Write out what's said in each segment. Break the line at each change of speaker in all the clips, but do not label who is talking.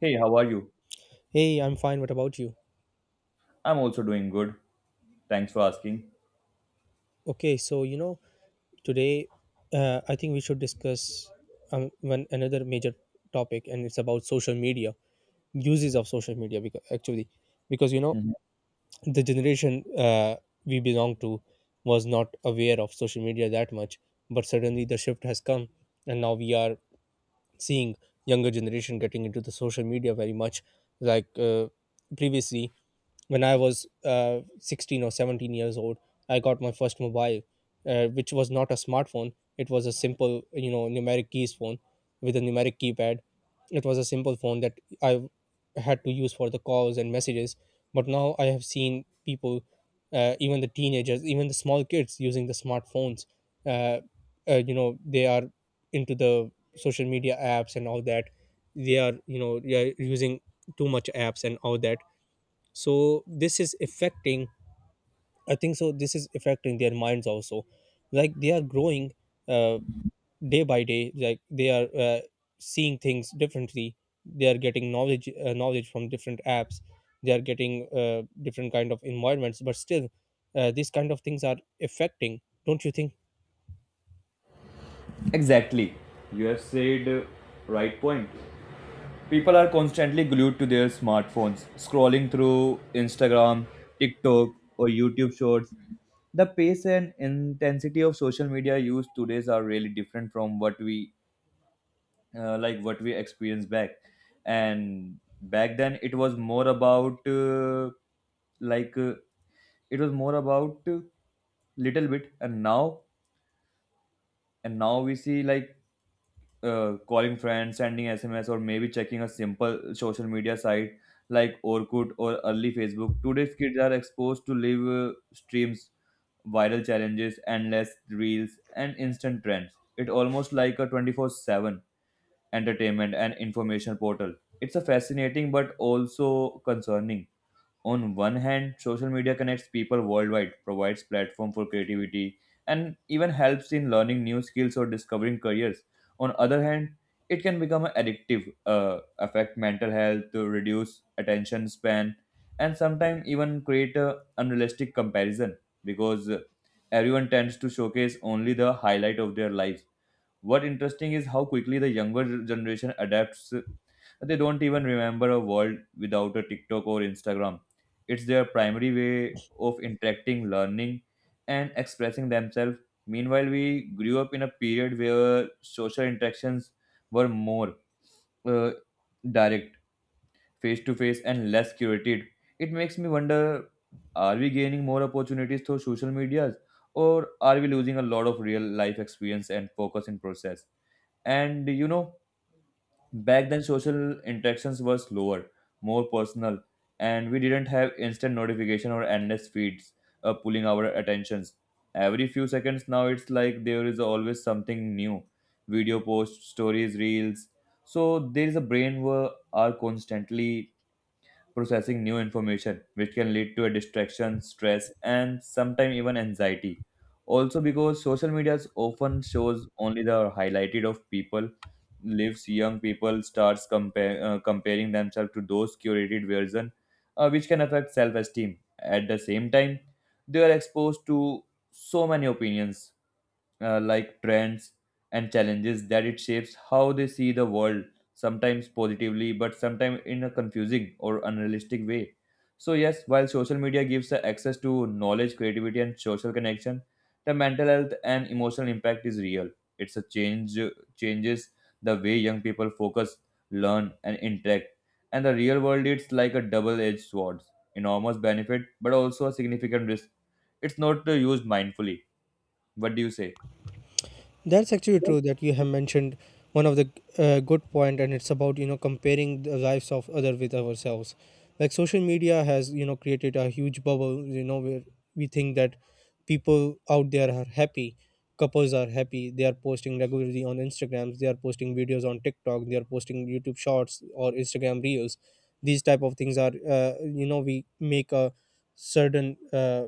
Hey, how are you?
Hey, I'm fine. What about you?
I'm also doing good. Thanks for asking.
Okay, so you know, today, I think we should discuss one another major topic, and it's about social media uses of social media. Because actually, because you know,
Mhm.
the generation we belong to was not aware of social media that much, but suddenly the shift has come, and now we are seeing younger generation getting into the social media very much like, previously when I was 16 or 17 years old. I got my first mobile, which was not a smartphone. It was a simple, numeric keys phone with a numeric keypad. It was a simple phone that I had to use for the calls and messages. But now I have seen people, even the teenagers, even the small kids using the smartphones. Uh, uh, you know they are into the social media apps and all that. They are using too much apps and all that. So this is affecting, I think so, this is affecting their minds also. Like they are growing, uh, day by day. Like they are, seeing things differently. They are getting knowledge, knowledge from different apps. They are getting, different kind of environments, but still, these kind of things are affecting, don't you think?
Exactly. You have said, right point. People are constantly glued to their smartphones, scrolling through Instagram, TikTok, or YouTube shorts. The pace and intensity of social media use today are really different from what we like what we experienced back. And back then, it was like uh, more about little bit, and now we see, like, calling friends, sending SMS, or maybe checking a simple social media site like Orkut or early Facebook. Today's kids are exposed to live, streams, viral challenges, endless reels, and instant trends. It almost like a 24/7 entertainment and information portal. It's a fascinating but also concerning. On one hand, social media connects people worldwide, provides platform for creativity, and even helps in learning new skills or discovering careers. On other hand, it can become addictive, affect mental health, to reduce attention span, and sometimes even create a unrealistic comparison, because everyone tends to showcase only the highlight of their lives. What interesting is how quickly the younger generation adapts. They don't even remember a world without a TikTok or Instagram. It's their primary way of interacting, learning, and expressing themselves. Meanwhile, we grew up in a period where social interactions were more, uh, direct, face to face, and less curated. It makes me wonder, are we gaining more opportunities through social medias, or are we losing a lot of real life experience and focus in process? And back then, social interactions were slower, more personal, and we didn't have instant notification or endless feeds pulling our attentions every few seconds. Now it's like there is always something new: video, posts, stories, reels. So there is a brain where are constantly processing new information, which can lead to a distraction, stress, and sometimes even anxiety. Also, because social media often shows only the highlighted of people lives, young people starts comparing themselves to those curated version, which can affect self-esteem. At the same time, they are exposed to so many opinions, like trends and challenges, that it shapes how they see the world, sometimes positively but sometimes in a confusing or unrealistic way. So yes, while social media gives the access to knowledge, creativity, and social connection, the mental health and emotional impact is real. It's a change. Changes the way young people focus, learn, and interact and the real world. It's like a double edged sword, enormous benefit but also a significant risk. It's not used mindfully. What do you say?
That's actually true that you have mentioned one of the, good point, and it's about, comparing the lives of other with ourselves. Like social media has, created a huge bubble, where we think that people out there are happy, couples are happy, they are posting regularly on Instagrams, they are posting videos on TikTok, they are posting YouTube shorts or Instagram reels. These type of things are, you know, we make a certain, uh,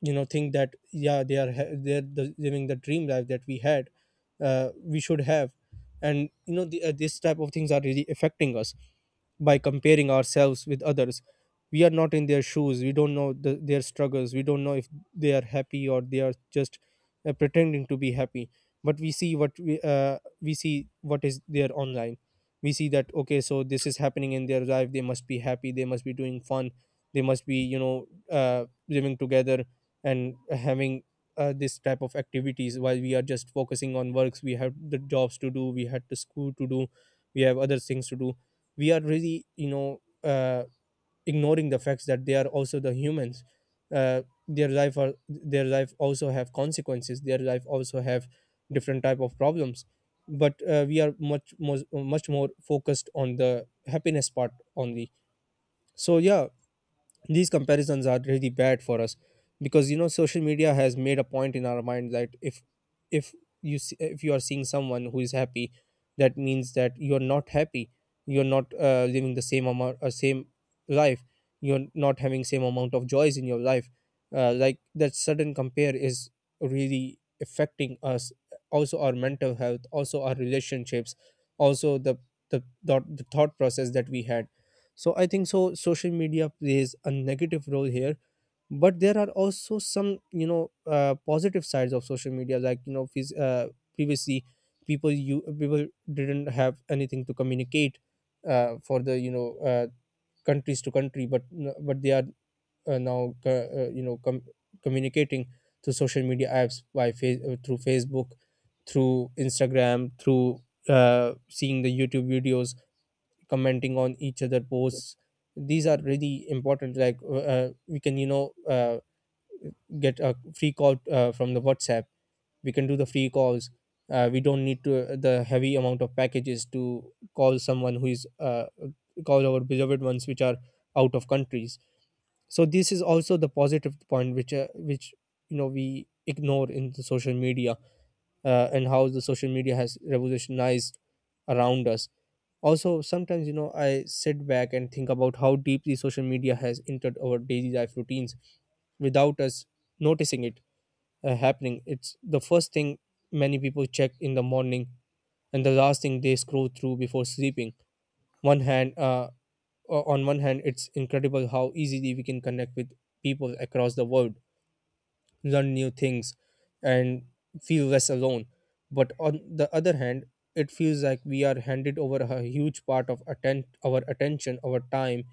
you know think that yeah, they are living the dream life that we had, we should have. And this type of things are really affecting us by comparing ourselves with others. We are not in their shoes, we don't know their struggles, we don't know if they are happy or they are just, pretending to be happy. But we see what we see what is there online. We see that, okay, so this is happening in their life, they must be happy, they must be doing fun, they must be, living together and having, this type of activities, while we are just focusing on works. We have the jobs to do, we had the school to do, we have other things to do. We are really, ignoring the facts that they are also the humans. uh, their life are, their life also have consequences, their life also have different type of problems. But, we are much more, much more focused on the happiness part only. So yeah, these comparisons are really bad for us. Because, social media has made a point in our mind that if you see, if you are seeing someone who is happy, that means that you are not happy. You're not, living the same amount, same life. You're not having same amount of joys in your life. Like that sudden compare is really affecting us, also our mental health, also our relationships, also the, the thought process that we had. So I think so social media plays a negative role here, but there are also some, positive sides of social media, like, previously, people didn't have anything to communicate, for the, countries to country, but they are, now co- you know com- communicating through social media apps, through Facebook, through Instagram, through, seeing the YouTube videos, commenting on each other posts. These are really important. Like, we can, get a free call, from the whatsapp. We can do the free calls. We don't need to the heavy amount of packages to call someone who is, call our beloved ones which are out of countries. So this is also the positive point which, which, we ignore in the social media, and how the social media has revolutionized around us. Also sometimes, I sit back and think about how deeply social media has entered our daily life routines without us noticing it, happening. It's the first thing many people check in the morning, and the last thing they scroll through before sleeping. One hand uh, o- on one hand, it's incredible how easily we can connect with people across the world, learn new things, and feel less alone. But on the other hand, it feels like we are handed over a huge part of our attention, our time,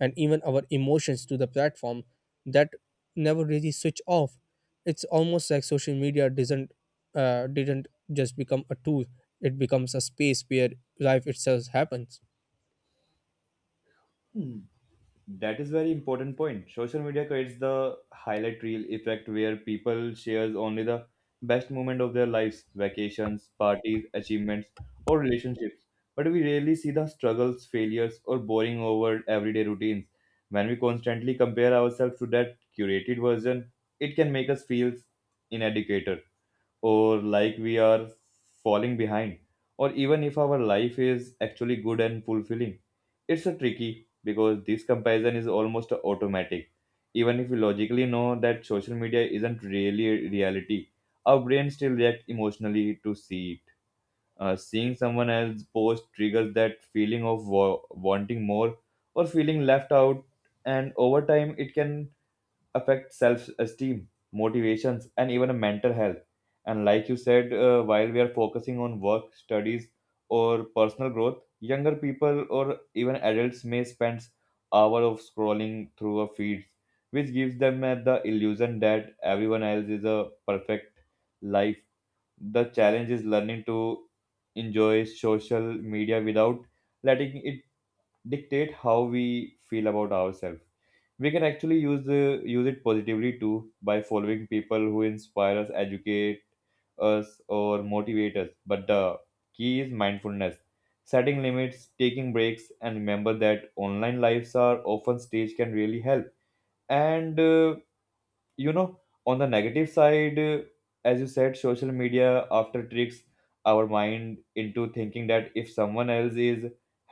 and even our emotions to the platform that never really switch off. It's almost like social media doesn't didn't just become a tool, it becomes a space where life itself happens.
That is very important point. Social media creates the highlight reel effect, where people shares only the best moment of their lives: vacations, parties, achievements, or relationships. But we rarely see the struggles, failures, or boring over everyday routines. When we constantly compare ourselves to that curated version, it can make us feel inadequate or like we are falling behind, or even if our life is actually good and fulfilling. It's a tricky, because this comparison is almost automatic. Even if we logically know that social media isn't really a reality, our brain still reacts emotionally to see it. Seeing someone else post triggers that feeling of wanting more, or feeling left out. And over time, it can affect self-esteem, motivations, and even mental health. And like you said, while we are focusing on work, studies, or personal growth, younger people or even adults may spend hours of scrolling through a feed, which gives them the illusion that everyone else is a perfect life. The challenge is learning to enjoy social media without letting it dictate how we feel about ourselves. We can actually use it positively too by following people who inspire us, educate us, or motivate us. But the key is mindfulness: setting limits, taking breaks, and remember that online lives are often staged can really help. And you know on the negative side, as you said, social media after tricks our mind into thinking that if someone else is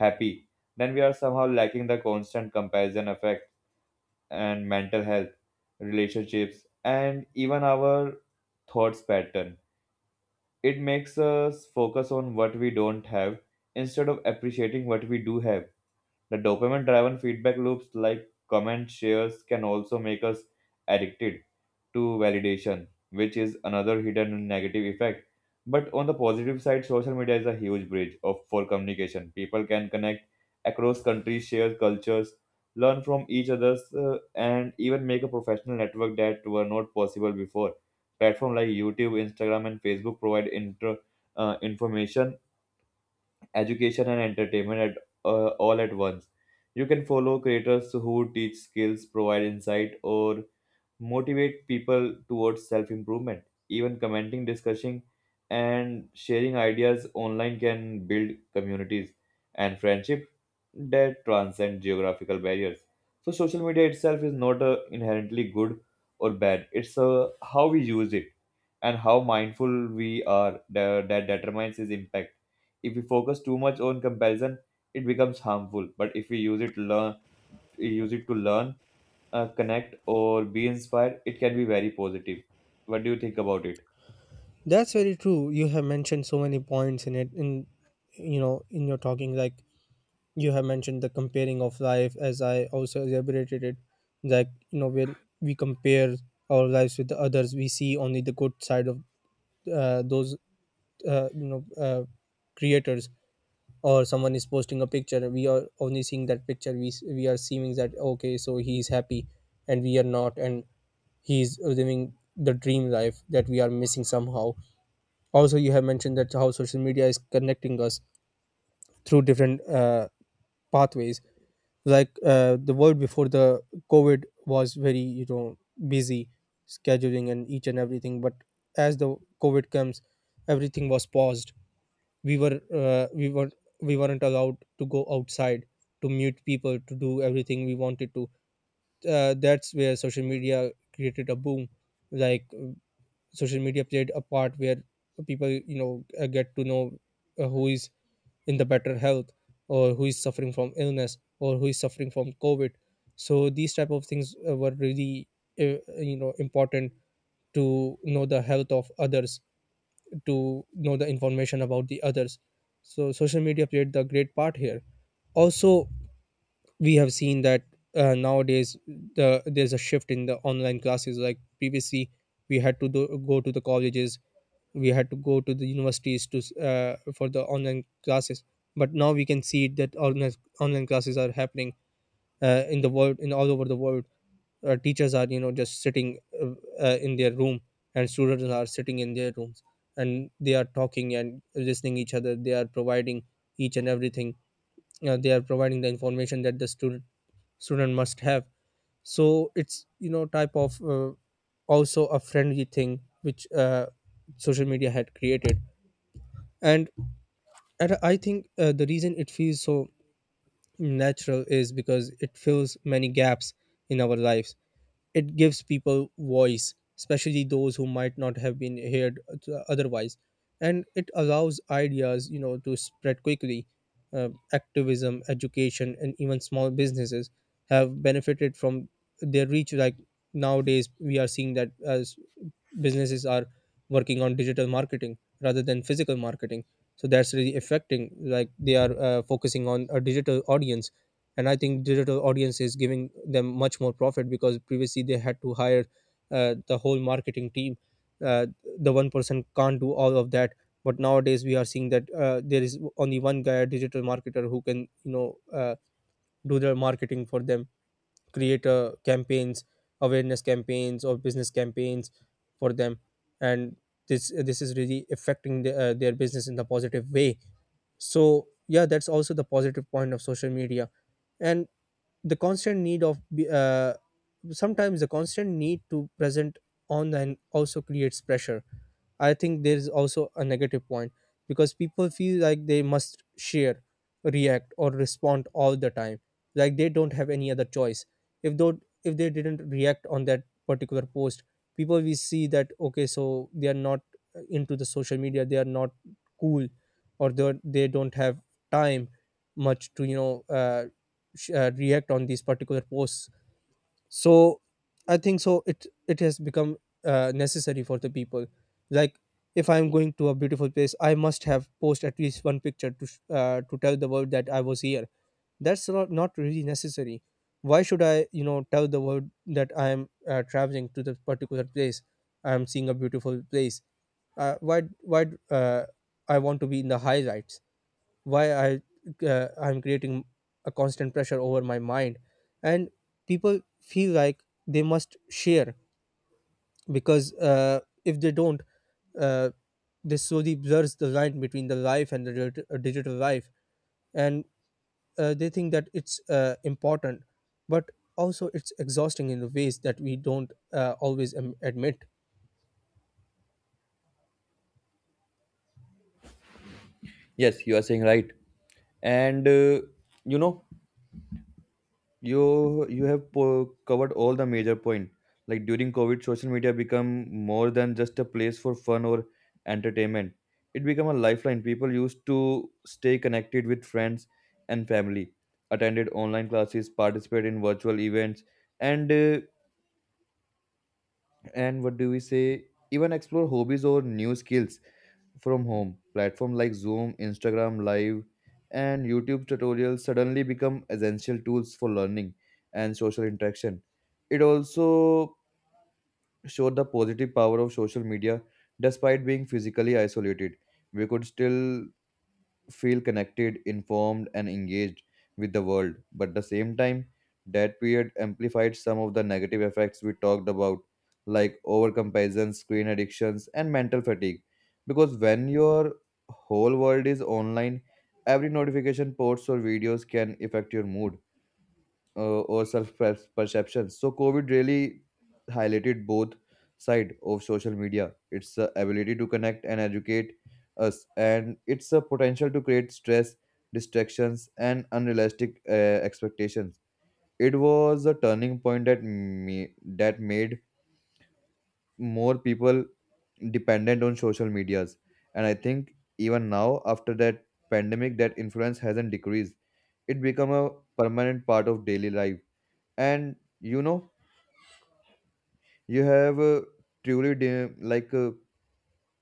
happy, then we are somehow lacking the constant comparison effect and mental health, relationships, and even our thoughts pattern. It makes us focus on what we don't have instead of appreciating what we do have. The dopamine driven feedback loops like comments, shares can also make us addicted to validation, which is another hidden negative effect. But on the positive side, social media is a huge bridge of for communication. People can connect across countries, share cultures, learn from each other's, and even make a professional network that were not possible before. Platforms like YouTube, Instagram, and Facebook provide information, education, and entertainment at all at once. You can follow creators who teach skills, provide insight, or motivate people towards self improvement. Even commenting, discussing, and sharing ideas online can build communities and friendship that transcend geographical barriers. So, social media itself is not inherently good or bad. It's how we use it and how mindful we are that, determines its impact. If we focus too much on comparison, it becomes harmful, but if we use it to learn, connect, or be inspired, it can be very positive. What do you think about it?
That's very true, you have mentioned so many points in it, in your talking. Like you have mentioned the comparing of life, as I also elaborated it. Like, when we compare our lives with the others, we see only the good side of, those, uh, you know uh, creators. Or someone is posting a picture, we are only seeing that picture. We are seeing that, okay, so he is happy and we are not, and he is living the dream life that we are missing somehow. Also you have mentioned that how social media is connecting us through different, pathways. Like, the world before the covid was very, busy scheduling and each and everything. But as the covid comes, everything was paused. We were uh, we were we weren't allowed to go outside, to meet people, to do everything we wanted to. That's where social media created a boom. Like, social media played a part where people, get to know, who is in the better health, or who is suffering from illness, or who is suffering from covid. So these type of things, were really, uh, important, to know the health of others, to know the information about the others. So social media played the great part here. Also we have seen that, nowadays, there's a shift in the online classes. Like previously we go to the colleges, we had to go to the universities to, for the online classes. But now we can see that online classes are happening, in the world, in all over the world. Teachers are, just sitting, in their room, and students are sitting in their rooms, and they are talking and listening each other, they are providing each and everything. They are providing the information that the student student must have. So it's, type of, also a friendly thing which, social media had created. And, and I think, the reason it feels so natural is because it fills many gaps in our lives. It gives people voice, especially those who might not have been heard otherwise, and it allows ideas, to spread quickly. Activism, education, and even small businesses have benefited from their reach. Like nowadays we are seeing that as businesses are working on digital marketing rather than physical marketing. So that's really affecting, like they are, focusing on a digital audience. And I think digital audience is giving them much more profit, because previously they had to hire, the whole marketing team. uh, the one person can't do all of that. But nowadays we are seeing that, there is only one guy, a digital marketer, who can, do their marketing for them, create, campaigns, awareness campaigns or business campaigns for them. And this is really affecting their business in the positive way. So yeah, that's also the positive point of social media. And the constant need sometimes, the constant need to present online, also creates pressure. I think there is also a negative point, because people feel like they must share, react or respond all the time. Like they don't have any other choice. if though if they didn't react on that particular post, people will see that, okay, so they are not, into the social media, they are not cool, or they don't have time much to, react on these particular posts. So I think so it has become, necessary for the people. Like if I'm going to a beautiful place, I must have post At least one picture to to tell the world that I was here. That's not really necessary. Why should I, tell the world that I am traveling to this particular place, I am seeing a beautiful place? Why uh, I want to be in the highlights. Why I I'm creating a constant pressure over my mind. And people feel like they must share, because if they don't, uh, this slowly blurs the line between the life and the digital life. And they think that it's important. But also, it's exhausting in the ways that we don't always admit.
Yes, you are saying right. And you know, you have covered all the major point. Like, during COVID, social media become more than just a place for fun or entertainment. It became a lifeline. People used to stay connected with friends and family, attended online classes, participate in virtual events, and uh, and what do we say? Even explore hobbies or new skills from home. Platform like Zoom, Instagram Live, and YouTube tutorials suddenly become essential tools for learning and social interaction. It also showed the positive power of social media. Despite being physically isolated, we could still feel connected, informed, and engaged with the world. But at the same time, that period amplified some of the negative effects we talked about, like overcomparison, screen addictions, and mental fatigue. Because when your whole world is online, every notification, posts, or videos can affect your mood or self perception. So COVID really highlighted both side of social media: its ability to connect and educate us, and its potential to create stress, distractions, and unrealistic expectations. It was a turning point that made more people dependent on social medias, and I think even now after that pandemic, that influence hasn't decreased. It become a permanent part of daily life. And you have, truly de- like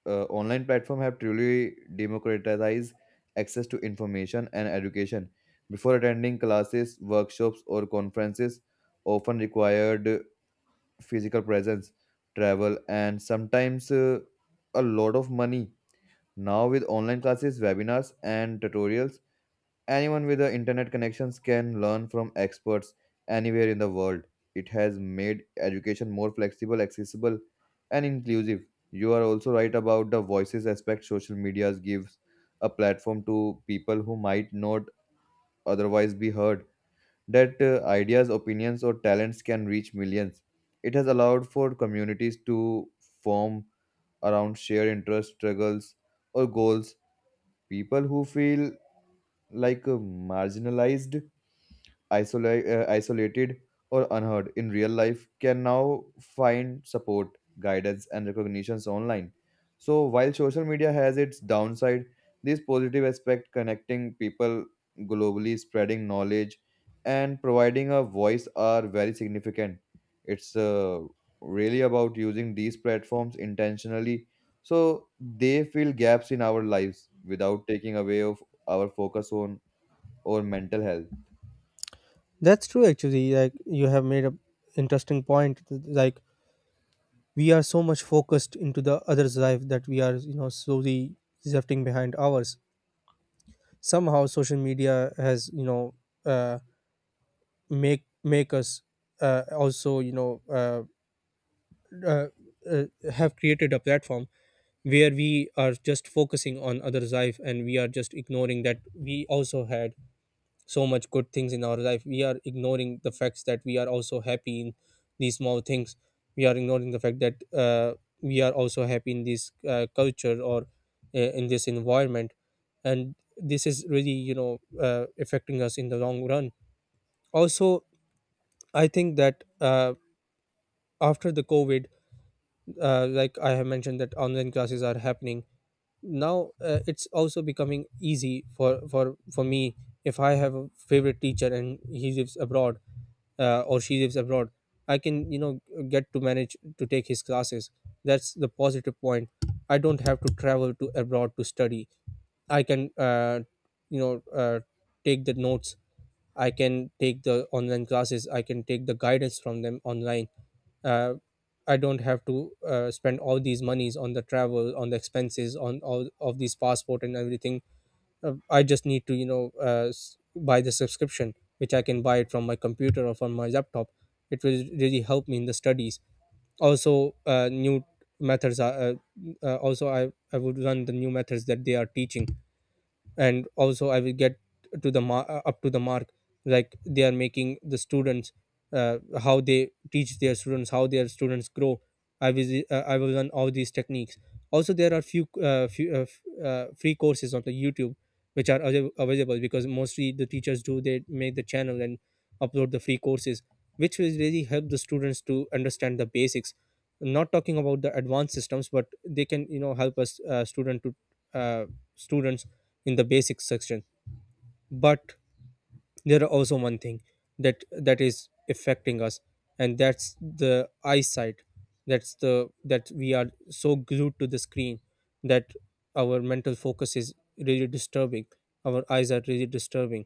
online platform have truly democratized access to information and education. Before, attending classes, workshops, or conferences often required physical presence, travel, and sometimes a lot of money. Now, with online classes, webinars, and tutorials, anyone with the internet connections can learn from experts anywhere in the world. It has made education more flexible, accessible, and inclusive. You are also right about the voices aspect. Social media gives a platform to people who might not otherwise be heard. That ideas, opinions, or talents can reach millions. It has allowed for communities to form around shared interests, struggles, or goals. People who feel like marginalized, isolated, or unheard in real life can now find support, guidance, and recognitions online. So while social media has its downside, this positive aspect, connecting people globally, spreading knowledge, and providing a voice, are very significant. It's really about using these platforms intentionally, so they fill gaps in our lives without taking away of our focus on our mental health.
That's true actually, like, you have made a interesting point. Like, we are so much focused into the other's life that we are, you know, slowly drifting behind ours. Somehow, social media has uh, make us also uh, uh, have created a platform where we are just focusing on others life, and we are just ignoring that we also had so much good things in our life. We are ignoring the facts that we are also happy in these small things. We are ignoring the fact that we are also happy in this culture or in this environment. And this is really, affecting us in the long run. Also, I think that after the COVID, like I have mentioned, that online classes are happening now. It's also becoming easy for me. If I have a favorite teacher and he lives abroad, or she lives abroad, I can, you know, get to manage to take his classes. That's the positive point. I don't have to travel to abroad to study. I can, you know uh, take the notes. I can take the online classes, I can take the guidance from them online. uh, I don't have to spend all these monies on the travel, on the expenses, on all of these passport and everything. I just need to, you know, buy the subscription, which I can buy it from my computer or from my laptop. It will really help me in the studies. Also, new methods are also, I would learn the new methods that they are teaching. And also I will get up to the mark. Like, they are making the students, how they teach their students, how their students grow. I will learn all these techniques. Also, there are few free courses on the YouTube, which are available, because mostly the teachers do, they make the channel and upload the free courses, which will really help the students to understand the basics. Not talking about the advanced systems, but they can, you know, help us, uh, students in the basic section. But there are also one thing that is affecting us, and that's the eyesight. That's the, that we are so glued to the screen, that our mental focus is really disturbing, our eyes are really disturbing.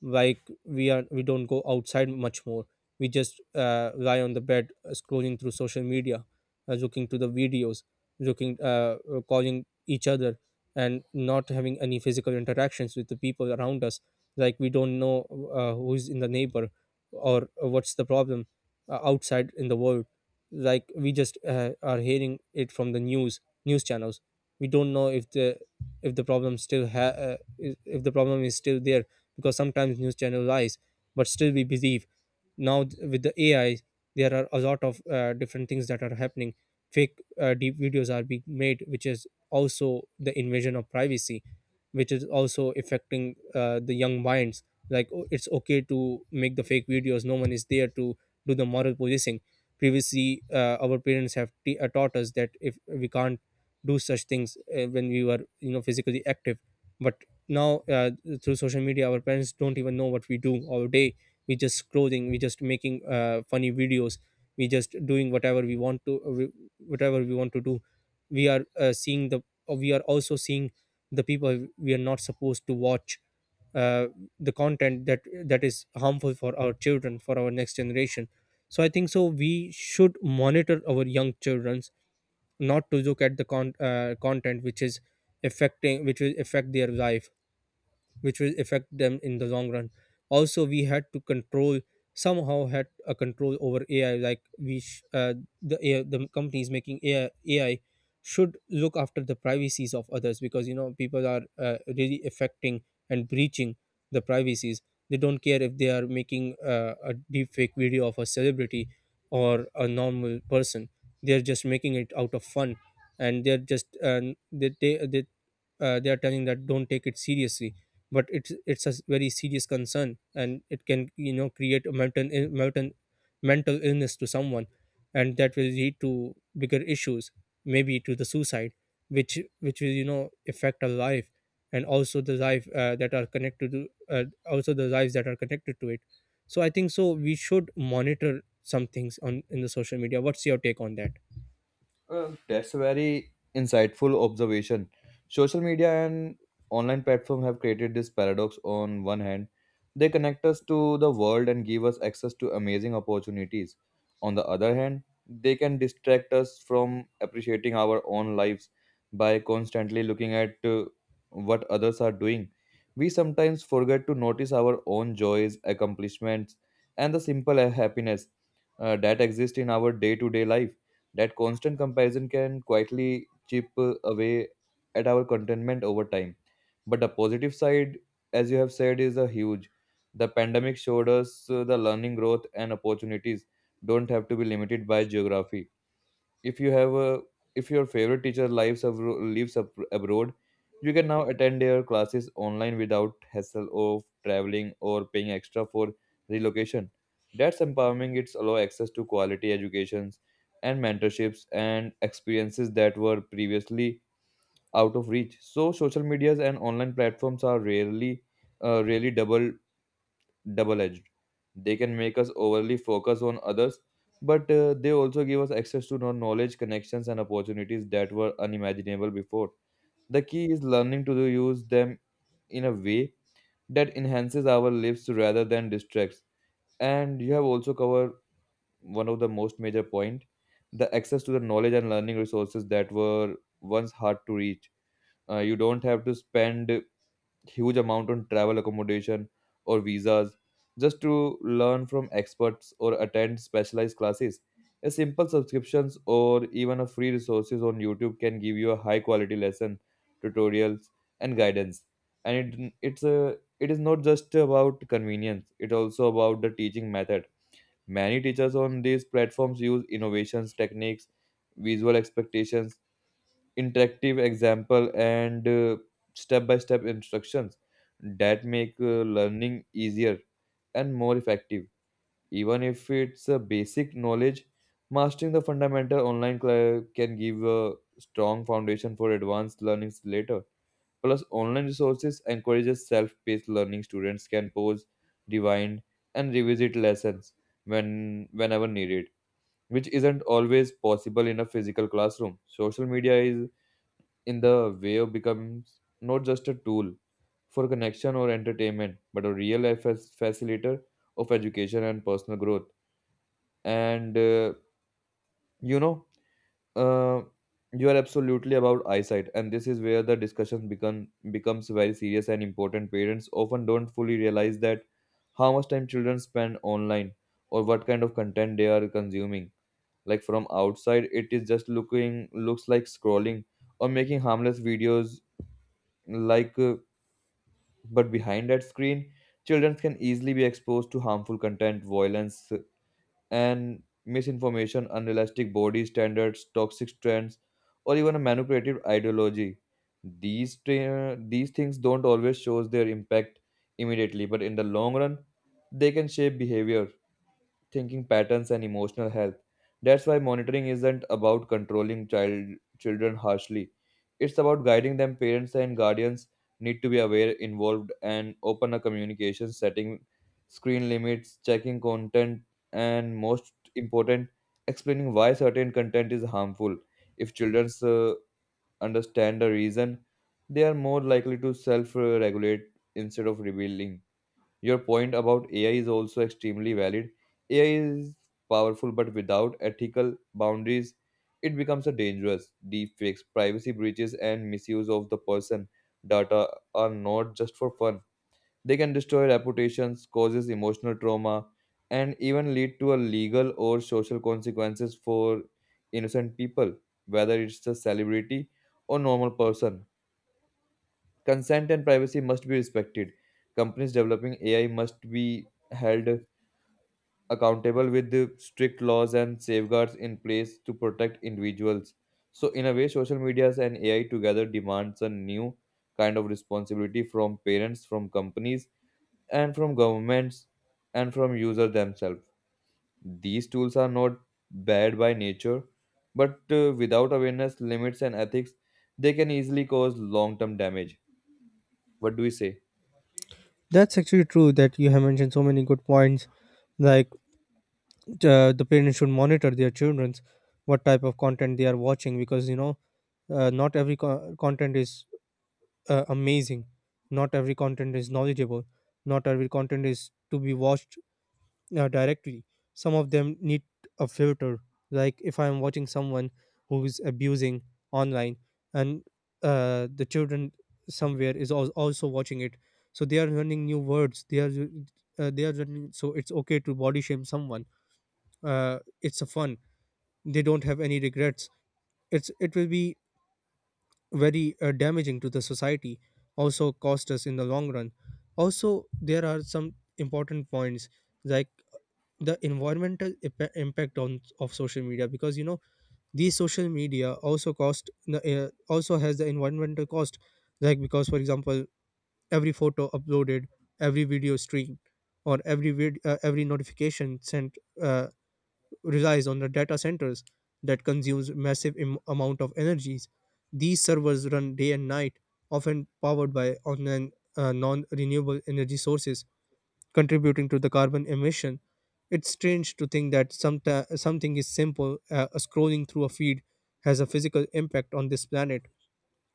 Like, we don't go outside much more. We just lie on the bed, scrolling through social media, looking to the videos, looking calling each other, and not having any physical interactions with the people around us. Like, we don't know who's in the neighbor, or what's the problem outside in the world. Like, we just are hearing it from the news channels. We don't know if the problem still ha- is- if the problem is still there, because sometimes news channel lies, but still we believe. Now, with the AI, there are a lot of different things that are happening. Fake, deep videos are being made, which is also the invasion of privacy, which is also affecting the young minds. Like, oh, it's okay to make the fake videos, no one is there to do the moral policing. Previously, our parents have taught us that if we can't do such things when we were, you know, physically active. But now, through social media, our parents don't even know what we do all day. We just scrolling, we just making funny videos, we just doing whatever we want to, whatever we want to do. we are uh, seeing the we are also seeing the people we are not supposed to watch, uh, the content that is harmful for our children, for our next generation. So I think so, we should monitor our young children not to look at the content which is affecting, which will affect their life, which will affect them in the long run. Also, we had to control, somehow had a control over AI. Like, the AI, the companies making AI, AI, should look after the privacies of others, because you know, people are really affecting and breaching the privacies. They don't care if they are making a deep fake video of a celebrity or a normal person. They're just making it out of fun, and they're just, they, they, they they are telling that don't take it seriously. But it's a very serious concern, and it can, you know, create a mental illness to someone, and that will lead to bigger issues, maybe to the suicide, which will, you know, affect our life, and also the life that are connected to also the lives that are connected to it. So I think so, we should monitor some things on, in the social media. What's your take on that?
That's a very insightful observation. Social media and online platform have created this paradox. On one hand, they connect us to the world and give us access to amazing opportunities. On the other hand, they can distract us from appreciating our own lives by constantly looking at what others are doing. We sometimes forget to notice our own joys, accomplishments, and the simple happiness that exist in our day to day life. That constant comparison can quietly chip away at our contentment over time. But the positive side, as you have said, is a huge. The pandemic showed us the learning, growth, and opportunities don't have to be limited by geography. If you have a if your favorite teacher lives abro- lives ab- abroad, you can now attend their classes online without hassle of traveling or paying extra for relocation. That's empowering. It's allow access to quality educations, and mentorships, and experiences that were previously out of reach. So social medias and online platforms are rarely really double edged. They can make us overly focus on others, but they also give us access to knowledge, connections, and opportunities that were unimaginable before. The key is learning to use them in a way that enhances our lives rather than distracts. And you have also covered one of the most major point, the access to the knowledge and learning resources that were once hard to reach. You don't have to spend huge amount on travel accommodation or visas just to learn from experts or attend specialized classes, a simple subscriptions or even a free resources on youtube can give you a high quality lesson, tutorials, and guidance. And it, it's a it is not just about convenience, it also about the teaching method. Many teachers on these platforms use innovations techniques, visual expectations, interactive example, and step-by-step instructions that make learning easier and more effective. Even if it's a basic knowledge, mastering the fundamental online can give a strong foundation for advanced learnings later. Plus, online resources encourages self-paced learning. Students can pause, rewind, and revisit lessons whenever needed, which isn't always possible in a physical classroom. Social media is in the wave becomes not just a tool for connection or entertainment, but a real life facilitator of education and personal growth. And uh, you know, uh, you are absolutely about eyesight, and this is where the discussion becomes very serious and important. Parents often don't fully realize that how much time children spend online or what kind of content they are consuming. Like from outside, it is just looking looks like scrolling or making harmless videos like. But behind that screen, children can easily be exposed to harmful content, violence, and misinformation, unrealistic body standards, toxic trends, or even a manipulative ideology. These things don't always show their impact immediately, but in the long run, they can shape behavior, thinking patterns, and emotional health. That's why monitoring isn't about controlling children harshly. It's about guiding them. Parents and guardians need to be aware, involved, and open a communication, setting screen limits, checking content, and most important, explaining why certain content is harmful. If children understand the reason, they are more likely to self-regulate instead of rebelling. Your point about AI is also extremely valid. AI is powerful, but without ethical boundaries, it becomes a dangerous. Deepfakes, privacy breaches, and misuse of the person data are not just for fun. They can destroy reputations, causes emotional trauma, and even lead to a legal or social consequences for innocent people, whether it's a celebrity or normal person. Consent and privacy must be respected. Companies developing AI must be held accountable with the strict laws and safeguards in place to protect individuals. So, in a way, social medias and AI together demands a new kind of responsibility from parents, from companies, and from governments, and from users themselves. These tools are not bad by nature, but without awareness, limits, and ethics, they can easily cause long term damage. What do we say?
That's actually true, that you have mentioned so many good points. Like, the parents should monitor their children's, what type of content they are watching, because you know, not every content is amazing, not every content is knowledgeable, not every content is to be watched directly. Some of them need a filter. Like, if I am watching someone who is abusing online, and the children somewhere is also watching it, so they are learning new words, they are, learning so it's okay to body shame someone. uh, it's a fun, they don't have any regrets. It will be very damaging to the society, also cost us in the long run. Also, there are some important points, like the environmental impact on, of social media, because you know, these social media also cost the, also has the environmental cost. Like, because for example, every photo uploaded, every video stream, or every notification sent, uh, relies on the data centers that consumes massive amount of energies. These servers run day and night, often powered by on non-renewable energy sources, contributing to the carbon emission. It's strange to think that something is simple, scrolling through a feed, has a physical impact on this planet,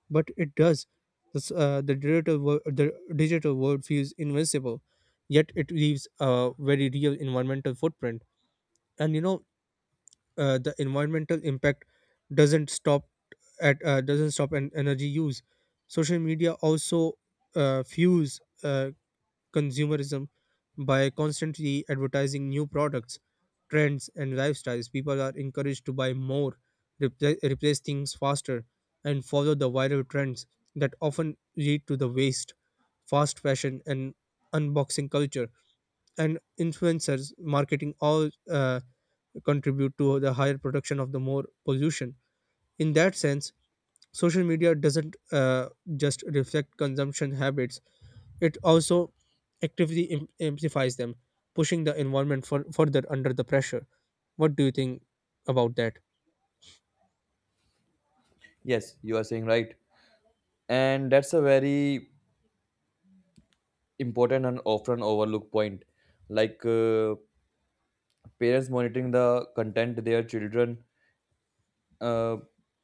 but it does. This, the digital world, The digital world feels invincible, yet it leaves a very real environmental footprint. And you know, the environmental impact doesn't stop doesn't stop an energy use. Social media also fuels consumerism by constantly advertising new products, trends, and lifestyles. People are encouraged to buy more, replace things faster, and follow the viral trends, that often lead to the waste. Fast fashion and unboxing culture and influencers marketing all contribute to the higher production of the more pollution. In that sense, social media doesn't just reflect consumption habits, it also actively amplifies them, pushing the environment for, further under the pressure. What do you think about that?
Yes, you are saying right. And that's a very important and often overlooked point. Like parents monitoring the content their children uh,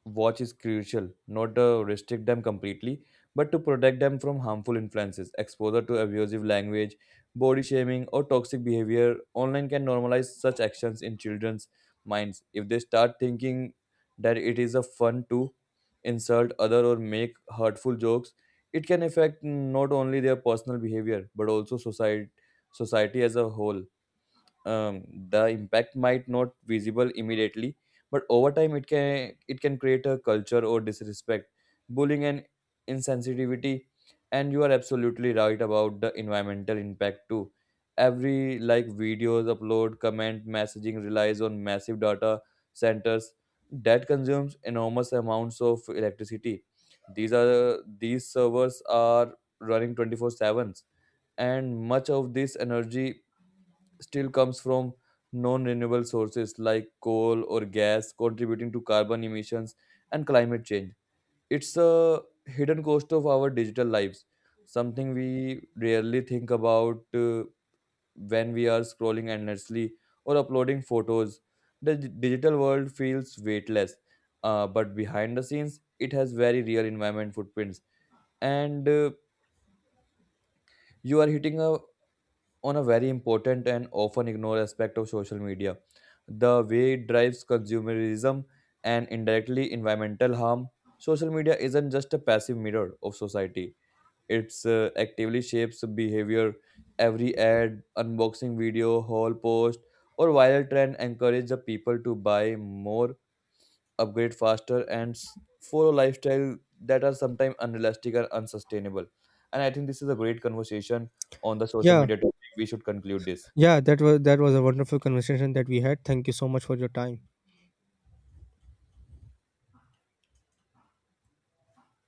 watch is crucial, not to restrict them completely, but to protect them from harmful influences. Exposure to abusive language, body shaming, or toxic behavior online can normalize such actions in children's minds. If they start thinking that it is a fun to insult other or make hurtful jokes, it can affect not only their personal behavior but also society as a whole. um, the impact might not visible immediately, but over time it can create a culture or disrespect, bullying, and insensitivity. And you are absolutely right about the environmental impact too. Every like, videos upload, comment, messaging relies on massive data centers that consumes enormous amounts of electricity. These servers are running 24/7, and much of this energy still comes from non renewable sources like coal or gas, contributing to carbon emissions and climate change. It's a hidden cost of our digital lives, something we rarely think about when we are scrolling endlessly or uploading photos. The digital world feels weightless, but behind the scenes, it has very real environment footprints. And You are hitting a on a very important and often ignored aspect of social media, the way it drives consumerism and indirectly environmental harm. Social media isn't just a passive mirror of society, it's actively shapes behavior. Every ad, unboxing video, haul post, or viral trend encourage the people to buy more, upgrade faster, and follow lifestyle that are sometimes unrealistic or unsustainable. And I think this is a great conversation on the social
Yeah,
media topic. We should conclude this.
yeah, that was a wonderful conversation that we had. Thank you so much for your time.